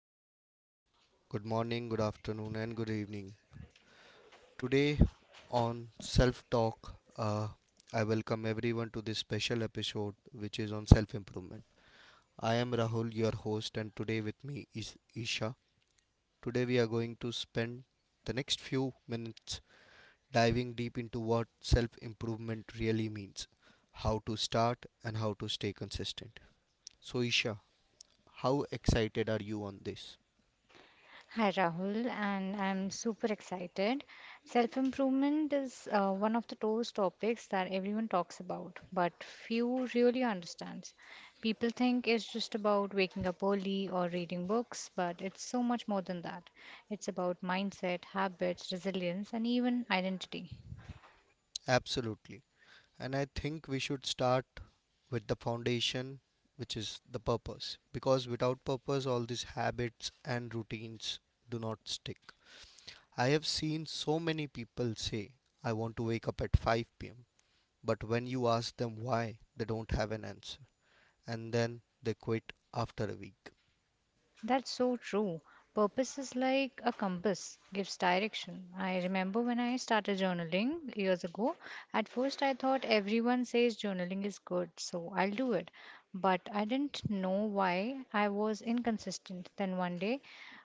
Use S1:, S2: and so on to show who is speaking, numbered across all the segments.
S1: globe. Good morning, good afternoon, and good evening. Today on Self Talk, I welcome everyone to this special episode which is on self improvement. I am Rahul, your host, and today with me is Isha. Today we are going to spend the next few minutes diving deep into what self improvement really means, how to start, and how to stay consistent. So, Isha, how excited are you on this?
S2: Hi Rahul, and I'm super excited. Self improvement is one of the those topics that everyone talks about, but few really understands. People think it's just about waking up early or reading books, but it's so much more than that. It's about mindset, habits, resilience, and even identity.
S1: Absolutely. And I think we should start with the foundation, which is the purpose. Because without purpose, all these habits and routines do not stick. I have seen so many people say, I want to wake up at 5 pm. But when you ask them why, they don't have an answer. And then they quit after a week.
S2: That's so true. Purpose is like a compass, gives direction. I remember when I started journaling years ago, at first I thought everyone says journaling is good, so I'll do it. But I didn't know why I was inconsistent. Then one day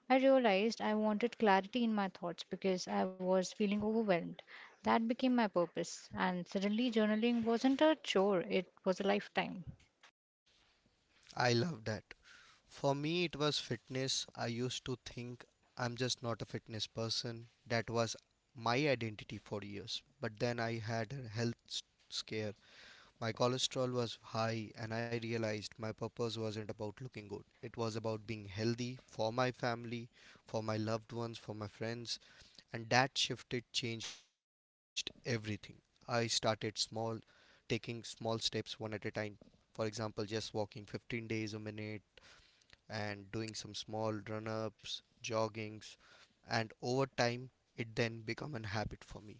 S2: I realized I wanted clarity in my thoughts because I was feeling overwhelmed. That became my purpose, and suddenly journaling wasn't a chore, it was a lifetime.
S1: I love that. For me, it was fitness. I used to think I'm just not a fitness person. That was my identity for years. But then I had a scare. My cholesterol was high, and I realized my purpose wasn't about looking good. It was about being healthy for my family, for my loved ones, for my friends. And that shifted, changed everything. I started small, taking small steps one at a time. For example, just walking 15 days a minute and doing some small run ups, joggings, and over time it then become a habit for me.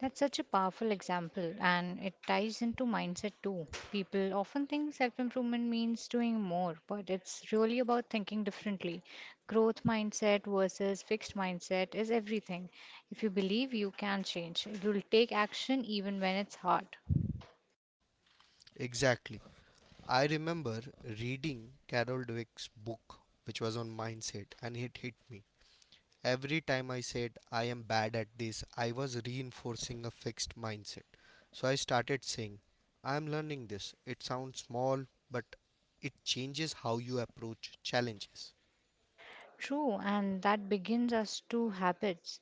S2: That's such a powerful example, and it ties into mindset too. People often think self improvement means doing more, but it's really about thinking differently. Growth mindset versus fixed mindset is everything. If you believe you can change, you'll take action even when it's hard.
S1: Exactly. I remember reading Carol Dweck's book, which was on mindset, and it hit me. Every time I said I am bad at this, I was reinforcing a fixed mindset. So I started saying, I am learning this. It sounds small, but it changes how you approach challenges.
S2: True, and that begins us to habits.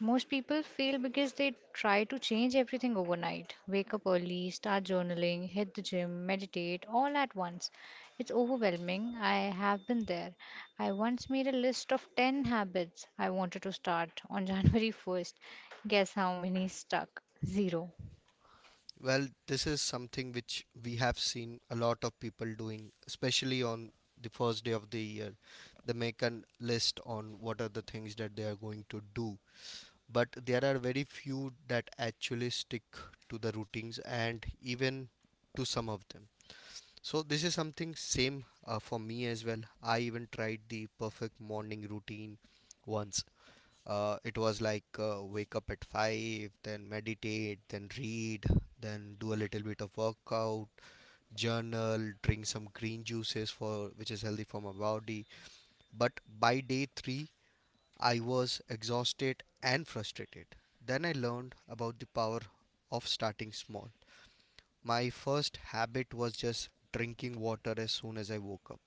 S2: Most people fail because they try to change everything overnight. Wake up early, start journaling, hit the gym, meditate, all at once. It's overwhelming. I have been there. I once made a list of 10 habits I wanted to start on January 1st. Guess how many stuck? Zero.
S1: Well, this is something which we have seen a lot of people doing, especially on the first day of the year. They make a list on what are the things that they are going to do. But there are very few that actually stick to the routines and even to some of them. So this is something same for me as well. I even tried the perfect morning routine once, it was like wake up at 5, then meditate, then read, then do a little bit of workout, journal, drink some green juices for which is healthy for my body. But by day 3, I was exhausted and frustrated. Then I learned about the power of starting small. My first habit was just drinking water as soon as I woke up.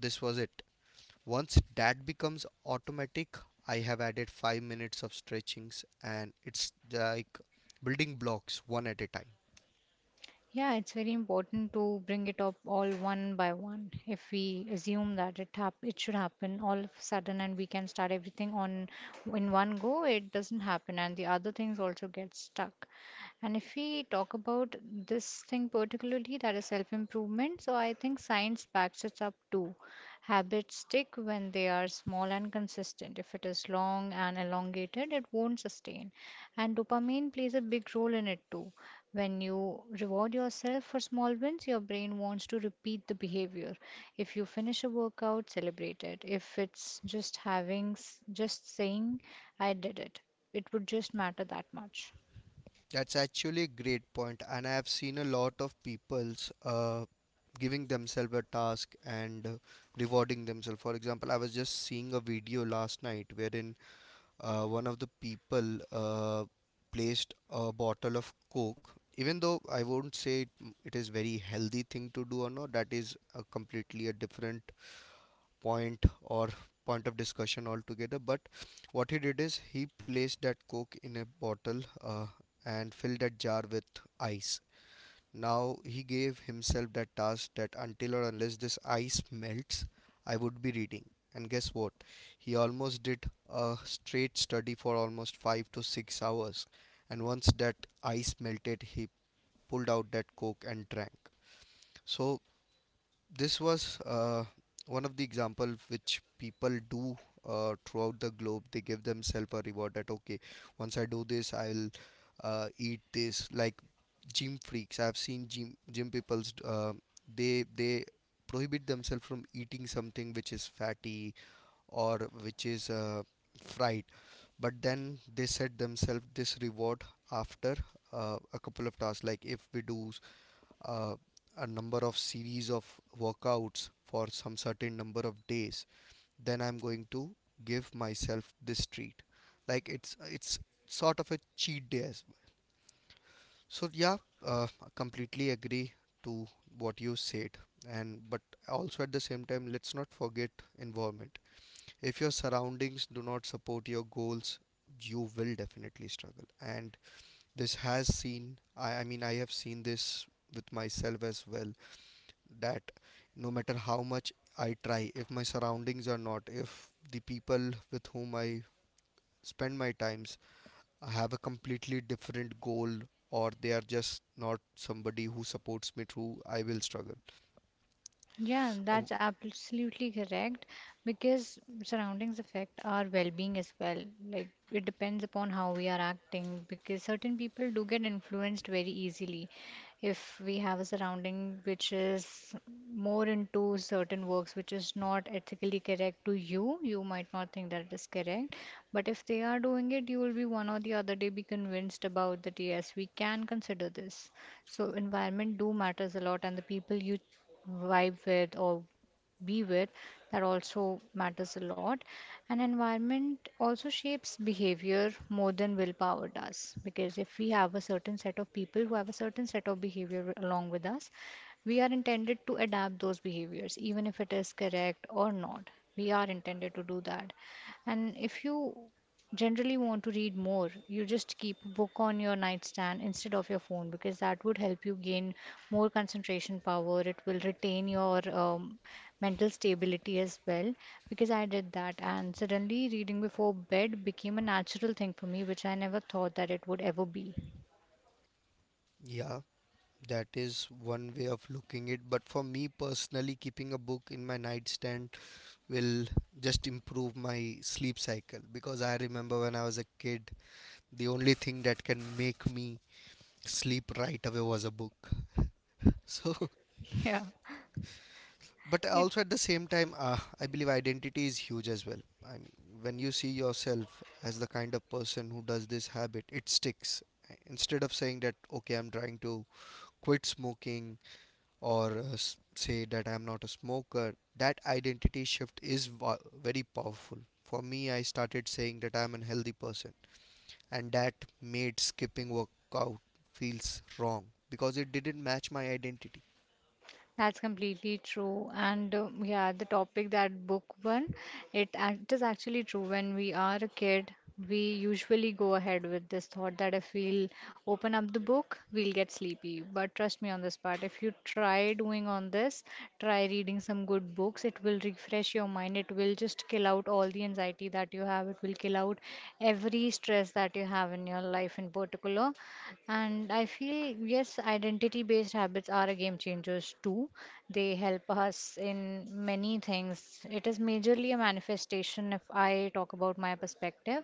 S1: This was it. Once that becomes automatic, I have added 5 minutes of stretchings and it's like building blocks one at a time.
S2: Yeah, it's very important to bring it up all one by one. If we assume that it should happen all of a sudden and we can start everything on in one go, it doesn't happen and the other things also get stuck. And if we talk about this thing particularly, that is self-improvement, so I think science backs it up too. Habits stick when they are small and consistent. If it is long and elongated, it won't sustain. And dopamine plays a big role in it too when you reward yourself for small wins, your brain wants to repeat the behavior. If you finish a workout, celebrate it. If it's just just saying, I did it, it would just matter that much.
S1: That's actually a great point, and I have seen a lot of people's, giving themselves a task and rewarding themselves. For example, I was just seeing a video last night wherein one of the people placed a bottle of coke, even though I won't say it, it is very healthy thing to do or not, that is a completely a different point or point of discussion altogether. But what he did is he placed that coke in a bottle, and filled that jar with ice. Now he gave himself that task that until or unless this ice melts I would be reading. And guess what, he almost did a straight study for almost 5 to 6 hours, and once that ice melted he pulled out that coke and drank. So this was, one of the example which people do throughout the globe. They give themselves a reward that okay, once I do this, I'll eat this. Like gym freaks, I've seen gym people's, they prohibit themselves from eating something which is fatty or which is fried, but then they set themselves this reward after a couple of tasks. Like if we do uh, a number of series of workouts for some certain number of days, then I'm going to give myself this treat. Like it's sort of a cheat day as well. So yeah, I completely agree to what you said. And but also at the same time, let's not forget environment. If your surroundings do not support your goals, you will definitely struggle. And this has I mean I have seen this with myself as well, that no matter how much I try, if my surroundings are not, if the people with whom I spend my times have a completely different goal, or they are just not somebody who supports me through, I will struggle.
S2: Yeah,
S1: Uh,
S2: that's absolutely correct because surroundings affect our well-being as well. Like it depends upon how we are acting because certain people do get influenced very easily. If we have a surrounding which is more into certain works which is not ethically correct to you, you might not think that it is correct. But if they are doing it, you will be one or the other day be convinced about that yes, we can consider this. So environment do matters a lot, and the people you vibe with or be with, that also matters a lot. And environment also shapes behavior more than willpower does, because if we have a certain set of people who have a certain set of behavior along with us, we are intended to adapt those behaviors even if it is correct or not. We are intended to do that. And if you generally want to read more, you just keep a book on your nightstand instead of your phone because that would help you gain more concentration power. It will retain your mental stability as well because I did that and suddenly reading before bed became a natural thing for me, which I never thought that it would ever be.
S1: yeah, that is one way of looking it. But for me personally, keeping a book in my nightstand will just improve my sleep cycle, because I remember when I was a kid, the only thing that can make me sleep right away was a book. So,
S2: Yeah.
S1: but
S2: it
S1: also at the same time, I believe identity is huge as well. I mean, when you see yourself as the kind of person who does this habit, it sticks. Instead of saying that, okay, I'm trying to quit smoking, or say that I'm not a smoker, that identity shift is wa- very powerful. For me, I started saying that I'm a healthy person, and that made skipping workout feels wrong because it didn't match my identity.
S2: That's completely true. And yeah, the topic that book one, it is actually true. When we are a kid, we usually go ahead with this thought that if we'll open up the book, we'll get sleepy. But trust me on this part, if you try doing on this, try reading some good books, it will refresh your mind. It will just kill out all the anxiety that you have. It will kill out every stress that you have in your life in particular. And I feel yes, identity based habits are a game changers too. They help us in many things. It is majorly a manifestation, if I talk about my perspective,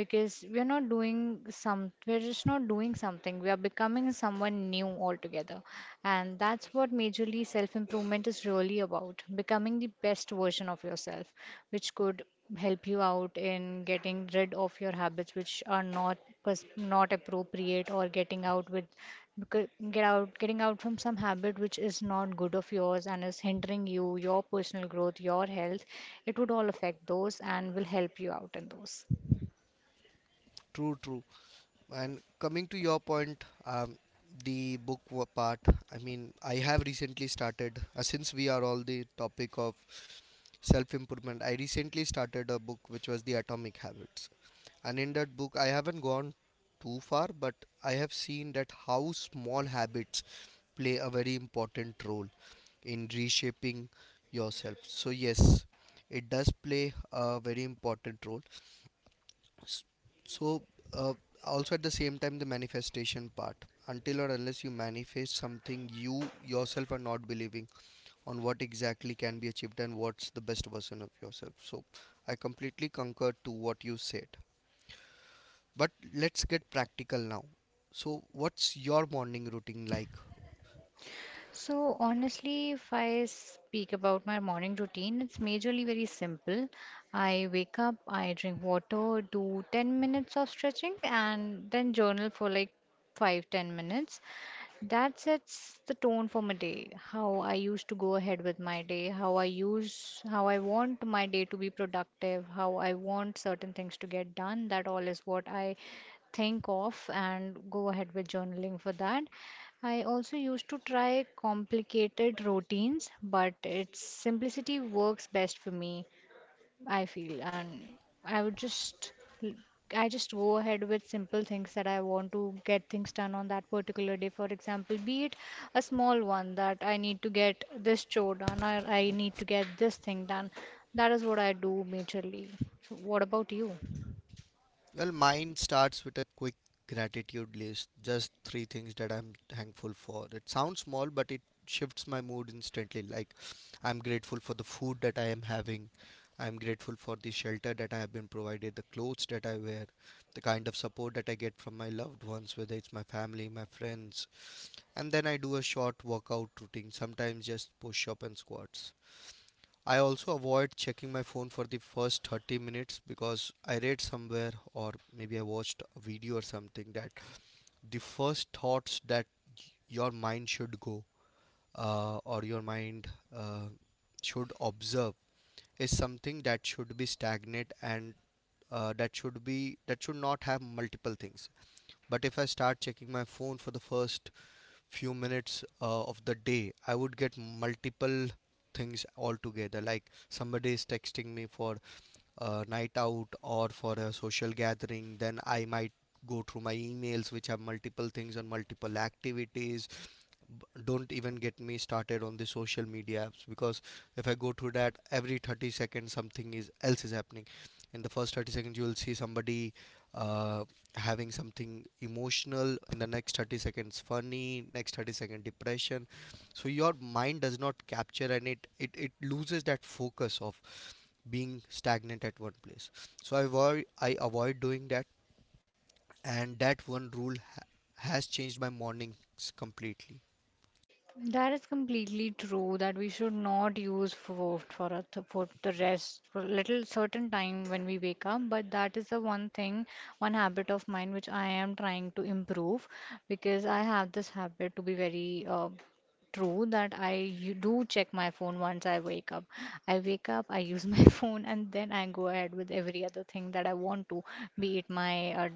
S2: because we're just not doing something, we are becoming someone new altogether. And that's what majorly self improvement is really about, becoming the best version of yourself, which could help you out in getting rid of your habits which are not appropriate, or getting out with getting out from some habit which is not good of yours and is hindering you, your personal growth, your health. It would all affect those and will help you out in those.
S1: True, true. And coming to your point, the part, I mean, I have recently started, since we are all the topic of self improvement, I recently started a book which was The Atomic Habits. And in that book, I haven't gone too far, but I have seen that how small habits play a very important role in reshaping yourself. So, yes, it does play a very important role. S- So, uh, also at the same time, the manifestation part. Until or unless you manifest something, you yourself are not believing on what exactly can be achieved and what's the best version of yourself. So, I completely concur to what you said. But let's get practical now. So, what's your morning routine like?
S2: So honestly, if I speak about my morning routine, it's majorly very simple. I wake up, I drink water, do 10 minutes of stretching, and then journal for like 5-10 minutes. That sets the tone for my day. How I used to go ahead with my day, how I want my day to be productive, how I want certain things to get done. That all is what I think of and go ahead with journaling for that. I also used to try complicated routines, but its simplicity works best for me. I feel, and I would just, l- I just go ahead with simple things that I want to get things done on that particular day. For example, be it a small one that I need to get this chore done or I need to get this thing done. That is what I do majorly. So what about you?
S1: Well, mine starts with a quick gratitude list, just three things that I'm thankful for. It sounds small, but it shifts my mood instantly. Like, I'm grateful for the food that I am having, I'm grateful for the shelter that I have been provided, the clothes that I wear, the kind of support that I get from my loved ones, whether it's my family, my friends. And then I do a short workout routine, sometimes just push up and squats. I also avoid checking my phone for the first 30 minutes, because I read somewhere or maybe I watched a video or something that the first thoughts that your mind should go, or your mind uh, should observe is something that should be stagnant, and that should be that should not have multiple things. But if I start checking my phone for the first few minutes of the day, I would get multiple things altogether, like somebody is texting me for a night out or for a social gathering, then I might go through my emails, which have multiple things and multiple activities. Don't even get me started on the social media apps, because if I go through that, every 30 seconds something is else is happening. In the first 30 seconds, you will see somebody uh, having something emotional. In the next 30 seconds, funny. Next 30-second, depression. So your mind does not capture, and it loses that focus of being stagnant at one place. So I avoid doing that, and that one rule has changed my mornings completely.
S2: That is completely true that we should not use food for the rest for little certain time when we wake up. But that is the one thing, one habit of mine which I am trying to improve because I have this habit to be very true that I you do check my phone once I wake up. I wake up, I use my phone, and then I go ahead with every other thing that I want to, be it my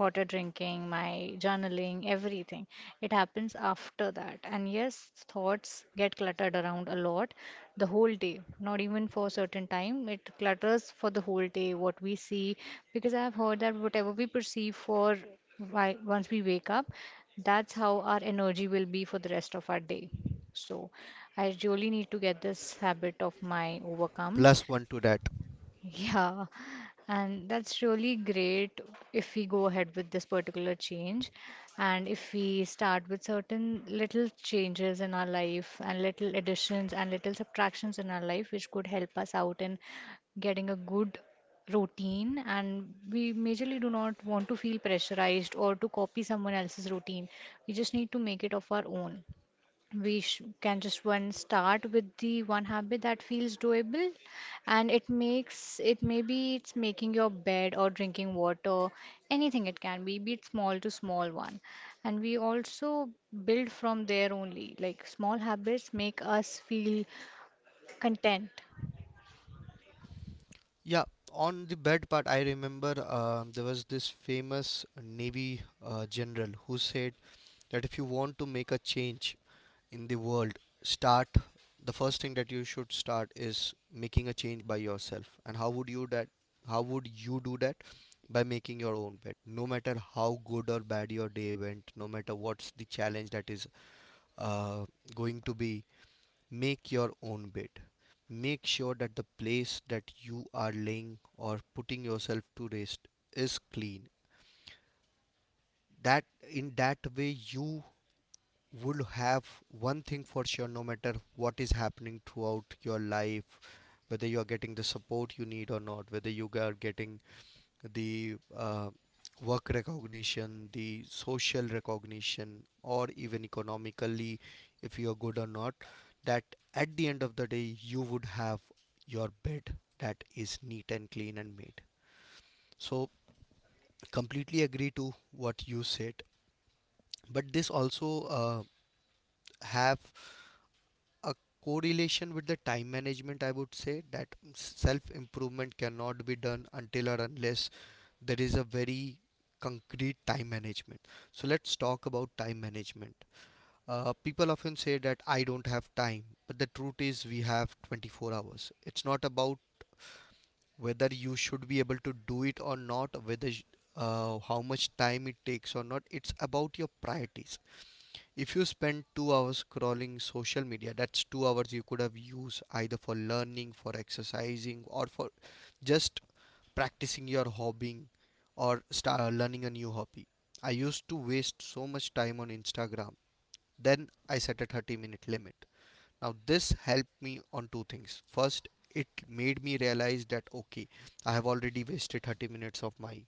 S2: water drinking, my journaling, everything. It happens after that. And yes, thoughts get cluttered around a lot the whole day, not even for a certain time. It clutters for the whole day, what we see, because I've heard that whatever we perceive for why, once we wake up, that's how our energy will be for the rest of our day. So I really need to get this habit of my overcome.
S1: Plus one to that.
S2: Yeah, and that's really great if we go ahead with this particular change, and if we start with certain little changes in our life and little additions and little subtractions in our life, which could help us out in getting a good routine. And we majorly do not want to feel pressurized or to copy someone else's routine. We just need to make it of our own. We can just one start with the one habit that feels doable, and it makes it, maybe it's making your bed or drinking water, anything it can be it small to small one. And we also build from there only. Like, small habits make us feel content.
S1: Yeah, on the bed part, I remember there was this famous navy general who said that if you want to make a change in the world, start, the first thing that you should start is making a change by yourself. And how would you do that? By making your own bed, no matter how good or bad your day went, no matter what's the challenge that is uh, going to be, make your own bed, make sure that the place that you are laying or putting yourself to rest is clean. That, in that way, you would have one thing for sure no matter what is happening throughout your life, whether you are getting the support you need or not, whether you are getting the work recognition, the social recognition, or even economically if you are good or not, that at the end of the day you would have your bed that is neat and clean and made. So, completely agree to what you said. But this also have a correlation with the time management. I would say that self improvement cannot be done until or unless there is a very concrete time management. So let's talk about time management. People Often say that I don't have time, but the truth is we have 24 hours. It's not about whether you should be able to do it or not, whether how much time it takes or not. It's about your priorities. If you spend 2 hours scrolling social media, that's 2 hours you could have used either for learning, for exercising, or for just practicing your hobby or start learning a new hobby. I used to waste so much time on Instagram. Then I set a 30-minute limit. Now, this helped me on two things. First, it made me realize that okay, I have already wasted 30 minutes of my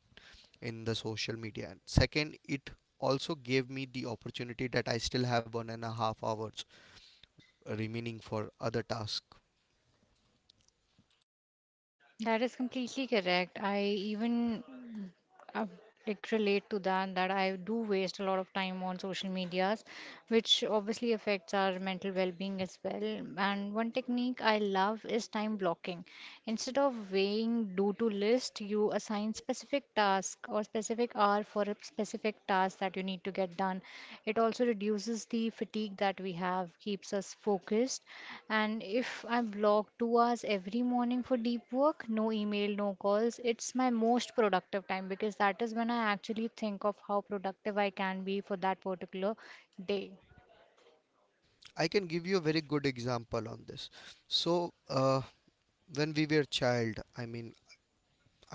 S1: in the social media, and second, it also gave me the opportunity that I still have 1.5 hours remaining for other tasks.
S2: That is completely correct. I like relate to that, that I do waste a lot of time on social medias, which obviously affects our mental well-being as well. And one technique I love is time blocking. Instead of weighing do-to list, you assign specific task or specific hour for a specific task that you need to get done. It also reduces the fatigue that we have, keeps us focused. And if I block 2 hours every morning for deep work, no email, no calls, it's my most productive time because that is when I actually think of how productive I can be for that particular day.
S1: I can give you a very good example on this. So when we were child, I mean,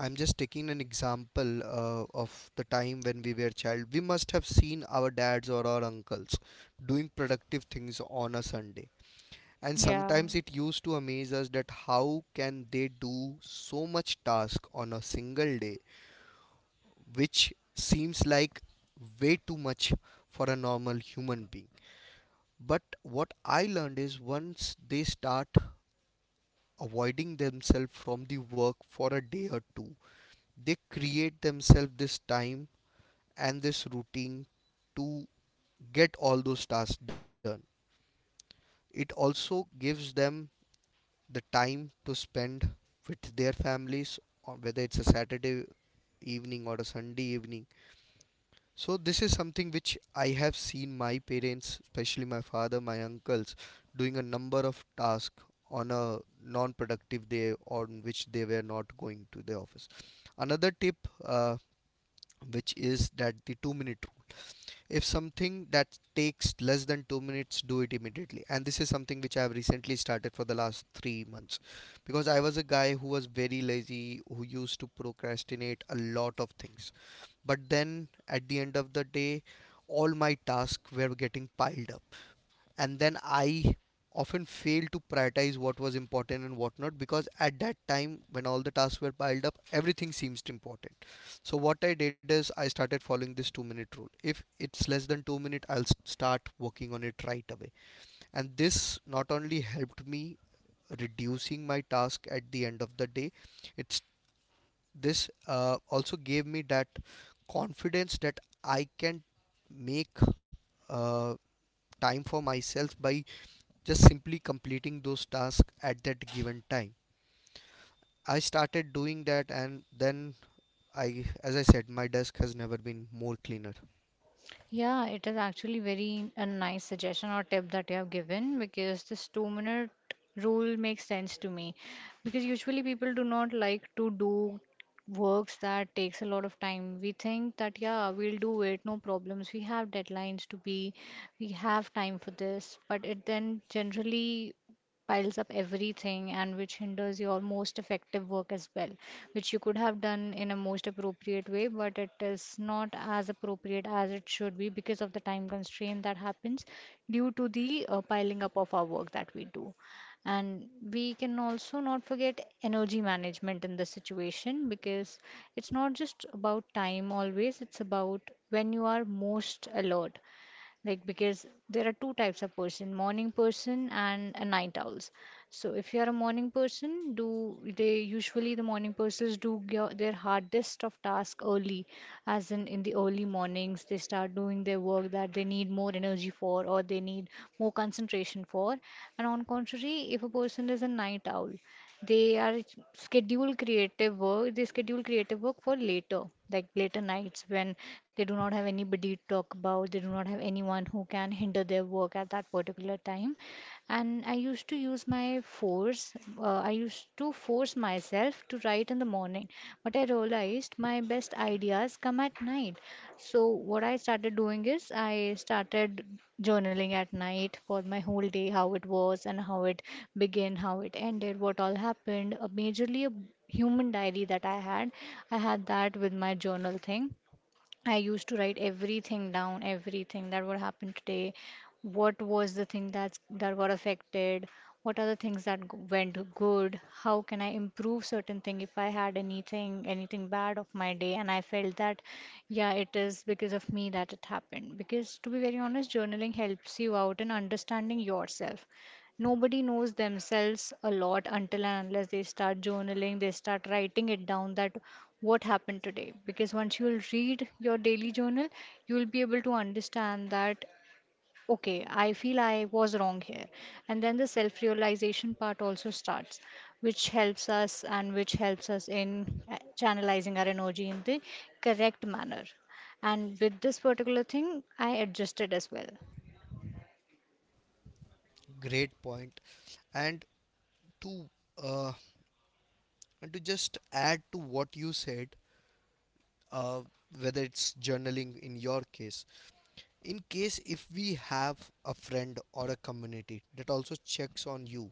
S1: I'm just taking an example of the time when we were child, we must have seen our dads or our uncles doing productive things on a Sunday. And
S2: Yeah.
S1: sometimes it used to amaze us that how can they do so much task on a single day, which seems like way too much for a normal human being. But what I learned is once they start avoiding themselves from the work for a day or two, they create themselves this time and this routine to get all those tasks done. It also gives them the time to spend with their families, or whether it's a Saturday evening or a Sunday evening. So this is something which I have seen my parents, especially my father, my uncles, doing a number of tasks on a non-productive day on which they were not going to the office. Another tip, uh, which is that the two-minute rule. If something that takes less than 2 minutes, do it immediately. And this is something which I have recently started for the last 3 months, because I was a guy who was very lazy, who used to procrastinate a lot of things. But then at the end of the day, all my tasks were getting piled up, and then I often failed to prioritize what was important and what not, because at that time when all the tasks were piled up, everything seems important. So what I did is I started following this 2-minute rule. If it's less than 2 minutes, I'll start working on it right away. And this not only helped me reducing my task at the end of the day, it's this also gave me that confidence that I can make uh, time for myself by just simply completing those tasks at that given time. I started doing that, and then I, as I said, my desk has never been more cleaner.
S2: Yeah, it is actually very a nice suggestion or tip that you have given because this 2 minute rule makes sense to me because usually people do not like to do works that takes a lot of time. We think that yeah, we'll do it, no problems. We have deadlines to be, we have time for this, but it then generally piles up everything and which hinders your most effective work as well, which you could have done in a most appropriate way, but it is not as appropriate as it should be because of the time constraint that happens due to the piling up of our work that we do. And we can also not forget energy management in this situation because it's not just about time always, it's about when you are most alert, like because there are two types of person, morning person and a night owls. So if you are a morning person, do they usually the morning persons do their hardest of task early, as in the early mornings they start doing their work that they need more energy for or they need more concentration for. And on contrary, if a person is a night owl, schedule creative work. They schedule creative work for later, like later nights when they do not have anybody to talk about. They do not have anyone who can hinder their work at that particular time. And I used to use my force. I used to force myself to write in the morning, but I realized my best ideas come at night. So what I started doing is I started journaling at night for my whole day, how it was and how it began, how it ended, what all happened. Majorly a human diary that I had. I had that with my journal thing, I used to write everything down, everything that would happen today. What was the thing that got affected? What are the things that went good? How can I improve certain thing if I had anything bad of my day and I felt that yeah, it is because of me that it happened. Because to be very honest, journaling helps you out in understanding yourself. Nobody knows themselves a lot until and unless they start journaling, they start writing it down that what happened today. Because once you will read your daily journal, you will be able to understand that, okay, I feel I was wrong here. And then the self realization part also starts, which helps us in channelizing our energy in the correct manner. And with this particular thing, I adjusted as well.
S1: Great point. And to uh, and to just add to what you said, uh, whether it's journaling in your case, in case if we have a friend or a community that also checks on you,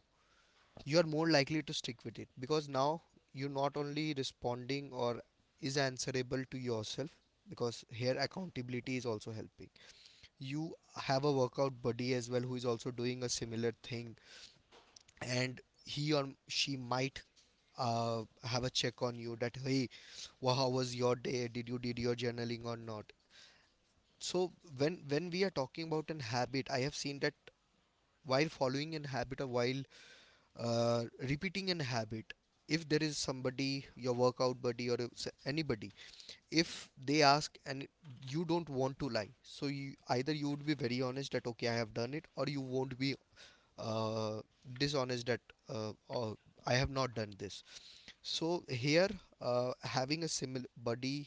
S1: you are more likely to stick with it, because now you're not only responding or is answerable to yourself, because here accountability is also helping you. Have a workout buddy as well who is also doing a similar thing, and he or she might have a check on you that hey, how was your day, did you did your journaling or not? So when we are talking about an habit, I have seen that while following an habit or while uh, repeating an habit, if there is somebody, your workout buddy or anybody, if they ask and you don't want to lie, so you either you would be very honest that okay, I have done it, or you won't be uh, dishonest that uh, oh, I have not done this. So here, having a similar buddy,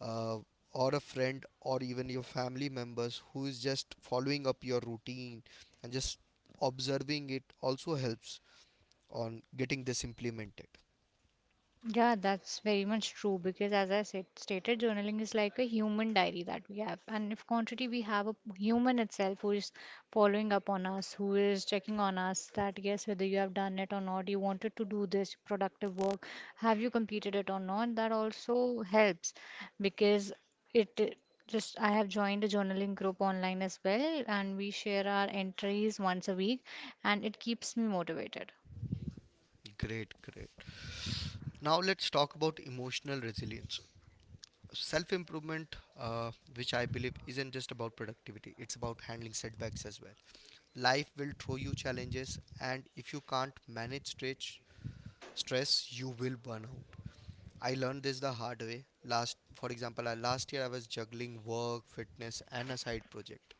S1: uh, or a friend or even your family members who is just following up your routine and just observing it also helps on getting this implemented.
S2: Yeah, that's very much true because, as I said, stated journaling is like a human diary that we have. And if contrary, we have a human itself who is following up on us, who is checking on us that yes, whether you have done it or not, you wanted to do this productive work, have you completed it or not, that also helps because it just I have joined a journaling group online as well, and we share our entries once a week, and it keeps me motivated.
S1: Great, great. Now let's talk about emotional resilience. Self improvement, which I believe isn't just about productivity, it's about handling setbacks as well. Life will throw you challenges, and if you can't manage stretch stress, you will burn out. I learned this the hard way. For example, last year I was juggling work, fitness, and a side project.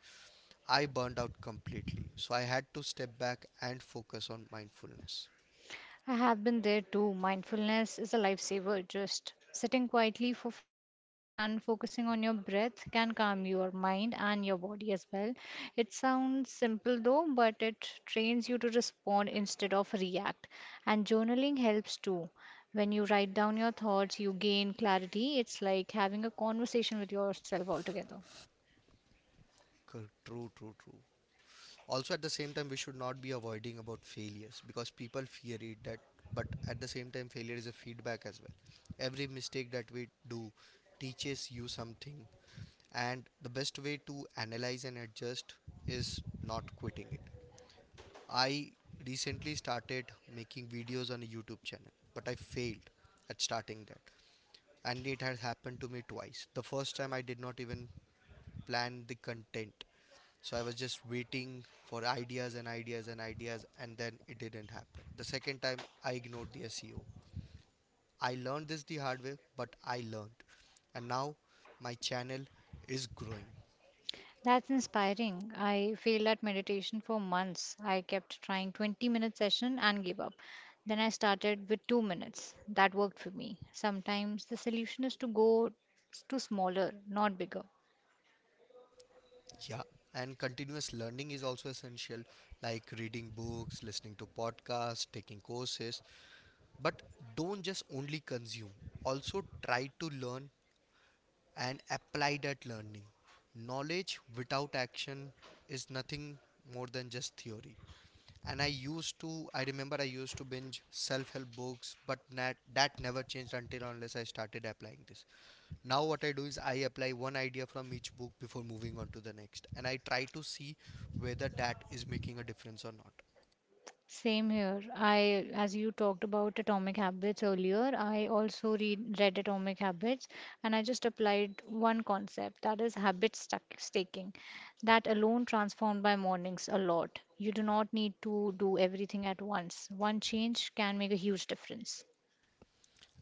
S1: I burned out completely, so I had to step back and focus on mindfulness.
S2: I have been there too. Mindfulness is a lifesaver. Just sitting quietly for 5 minutes and focusing on your breath can calm your mind and your body as well. It sounds simple though, but it trains you to respond instead of react. And journaling helps too. When you write down your thoughts, you gain clarity. It's like having a conversation with yourself altogether.
S1: True, true, true. Also, at the same time, we should not be avoiding about failures because people fear it. That, but at the same time, failure is a feedback as well. Every mistake that we do teaches you something, and the best way to analyze and adjust is not quitting it. I recently started making videos on a YouTube channel, but I failed at starting that. And it has happened to me twice. The first time I did not even plan the content. So I was just waiting for ideas and ideas and ideas, and then it didn't happen. The second time I ignored the SEO. I learned this the hard way, but I learned. And now my channel is growing.
S2: That's inspiring. I failed at meditation for months. I kept trying 20-minute session and gave up. Then I started with 2 minutes. That worked for me. Sometimes the solution is to go to smaller, not bigger.
S1: Yeah, and continuous learning is also essential, like reading books, listening to podcasts, taking courses. But don't just only consume, also try to learn and apply that learning. Knowledge without action is nothing more than just theory. And I used to, I remember I used to binge self help books, but that never changed until unless I started applying this. Now what I do is I apply one idea from each book before moving on to the next, and I try to see whether that is making a difference or not.
S2: Same here. As you talked about Atomic Habits earlier, I also read Atomic Habits, and I just applied one concept, that is habit stuck staking. That alone transformed my mornings a lot. You do not need to do everything at once. One change can make a huge difference.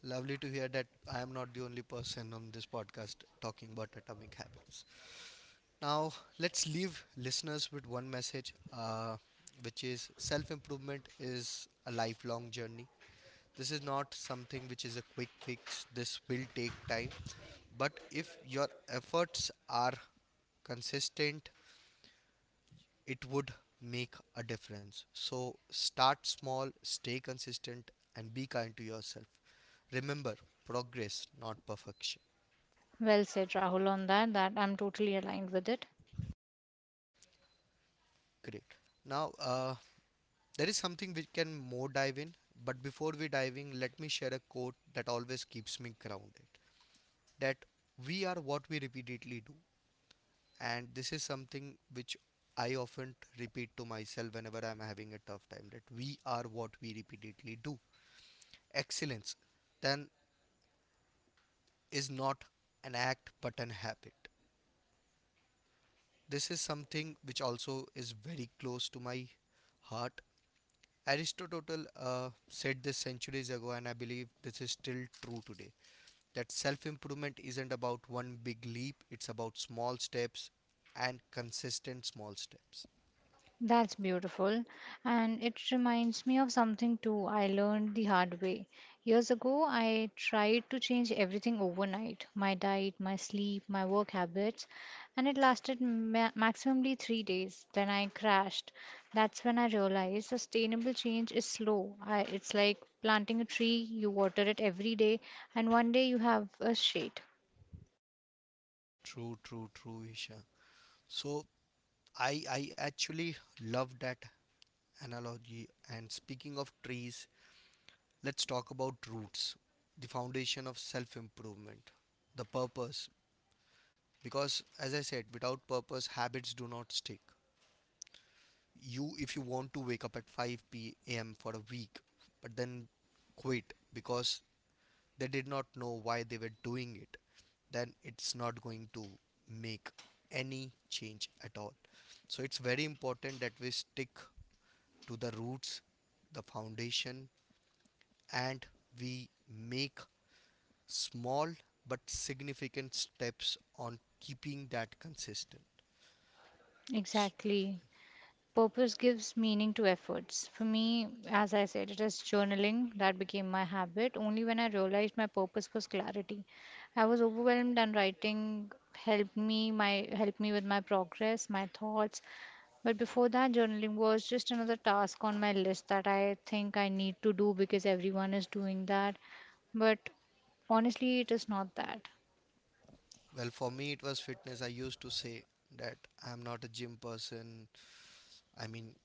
S1: Lovely to hear that I am not the only person on this podcast talking about Atomic Habits. Now let's leave listeners with one message, which is self improvement is a lifelong journey. This is not something which is a quick fix. This will take time. But if your efforts are consistent, it would make a difference. So start small, stay consistent, and be kind to yourself. Remember, progress, not perfection.
S2: Well said, Rahul, on that. That I'm totally aligned with it.
S1: Great. Now, there is something we can more dive in, but before we dive in, let me share a quote that always keeps me grounded. That we are what we repeatedly do, and this is something which I often repeat to myself whenever I'm having a tough time. That we are what we repeatedly do. Excellence then is not an act but an habit. This is something which also is very close to my heart. Aristotle said this centuries ago, and I believe this is still true today, that self improvement isn't about one big leap, it's about small steps and consistent small steps.
S2: That's beautiful. And it reminds me of something too I learned the hard way. Years ago, I tried to change everything overnight, my diet, my sleep, my work habits, and it lasted maximally 3 days. Then I crashed. That's when I realized sustainable change is slow. It's like planting a tree, you water it every day, and one day you have a shade.
S1: True, true, true, Isha. So, I actually love that analogy. And speaking of trees, let's talk about roots, the foundation of self improvement, the purpose. Because, as I said, without purpose, habits do not stick. You, if you want to wake up at 5 p.m. for a week, but then quit because they did not know why they were doing it, then it's not going to make any change at all. So, it's very important that we stick to the roots, the foundation, and we make small but significant steps on keeping that consistent.
S2: Exactly. Purpose gives meaning to efforts. For me, as I said, it is journaling that became my habit only when I realized my purpose was clarity. I was overwhelmed and writing helped me my helped me with my progress, my thoughts. But before that, journaling was just another task on my list that I think I need to do because everyone is doing that. But honestly, it is not that.
S1: Well, for me, it was fitness. I used to say that I'm not a gym person. I mean,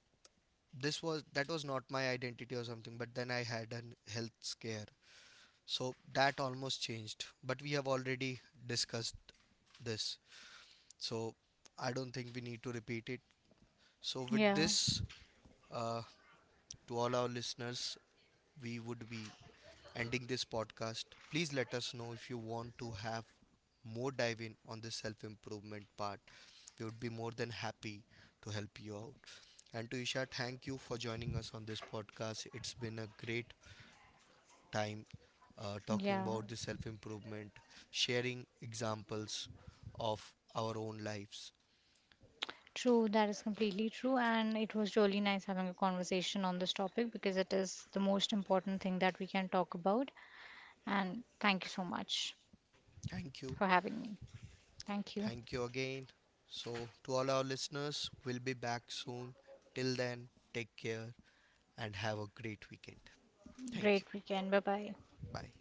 S1: this was that was not my identity or something, but then I had a health scare. So that almost changed. But we have already discussed this. So I don't think we need to repeat it. So, with
S2: Yeah.
S1: this, uh, to all our listeners, we would be ending this podcast. Please let us know if you want to have more dive in on the self improvement part. We would be more than happy to help you out. And to Isha, thank you for joining us on this podcast. It's been a great time talking
S2: Yeah.
S1: about the self improvement, sharing examples of our own lives.
S2: True, that is completely true. And it was really nice having a conversation on this topic because it is the most important thing that we can talk about. And thank you so much for
S1: Thank you.
S2: having me. Thank you.
S1: Thank you again. So, to all our listeners, we'll be back soon. Till then, take care. And have a great weekend. Thank you.
S2: Great weekend. Bye bye.
S1: Bye.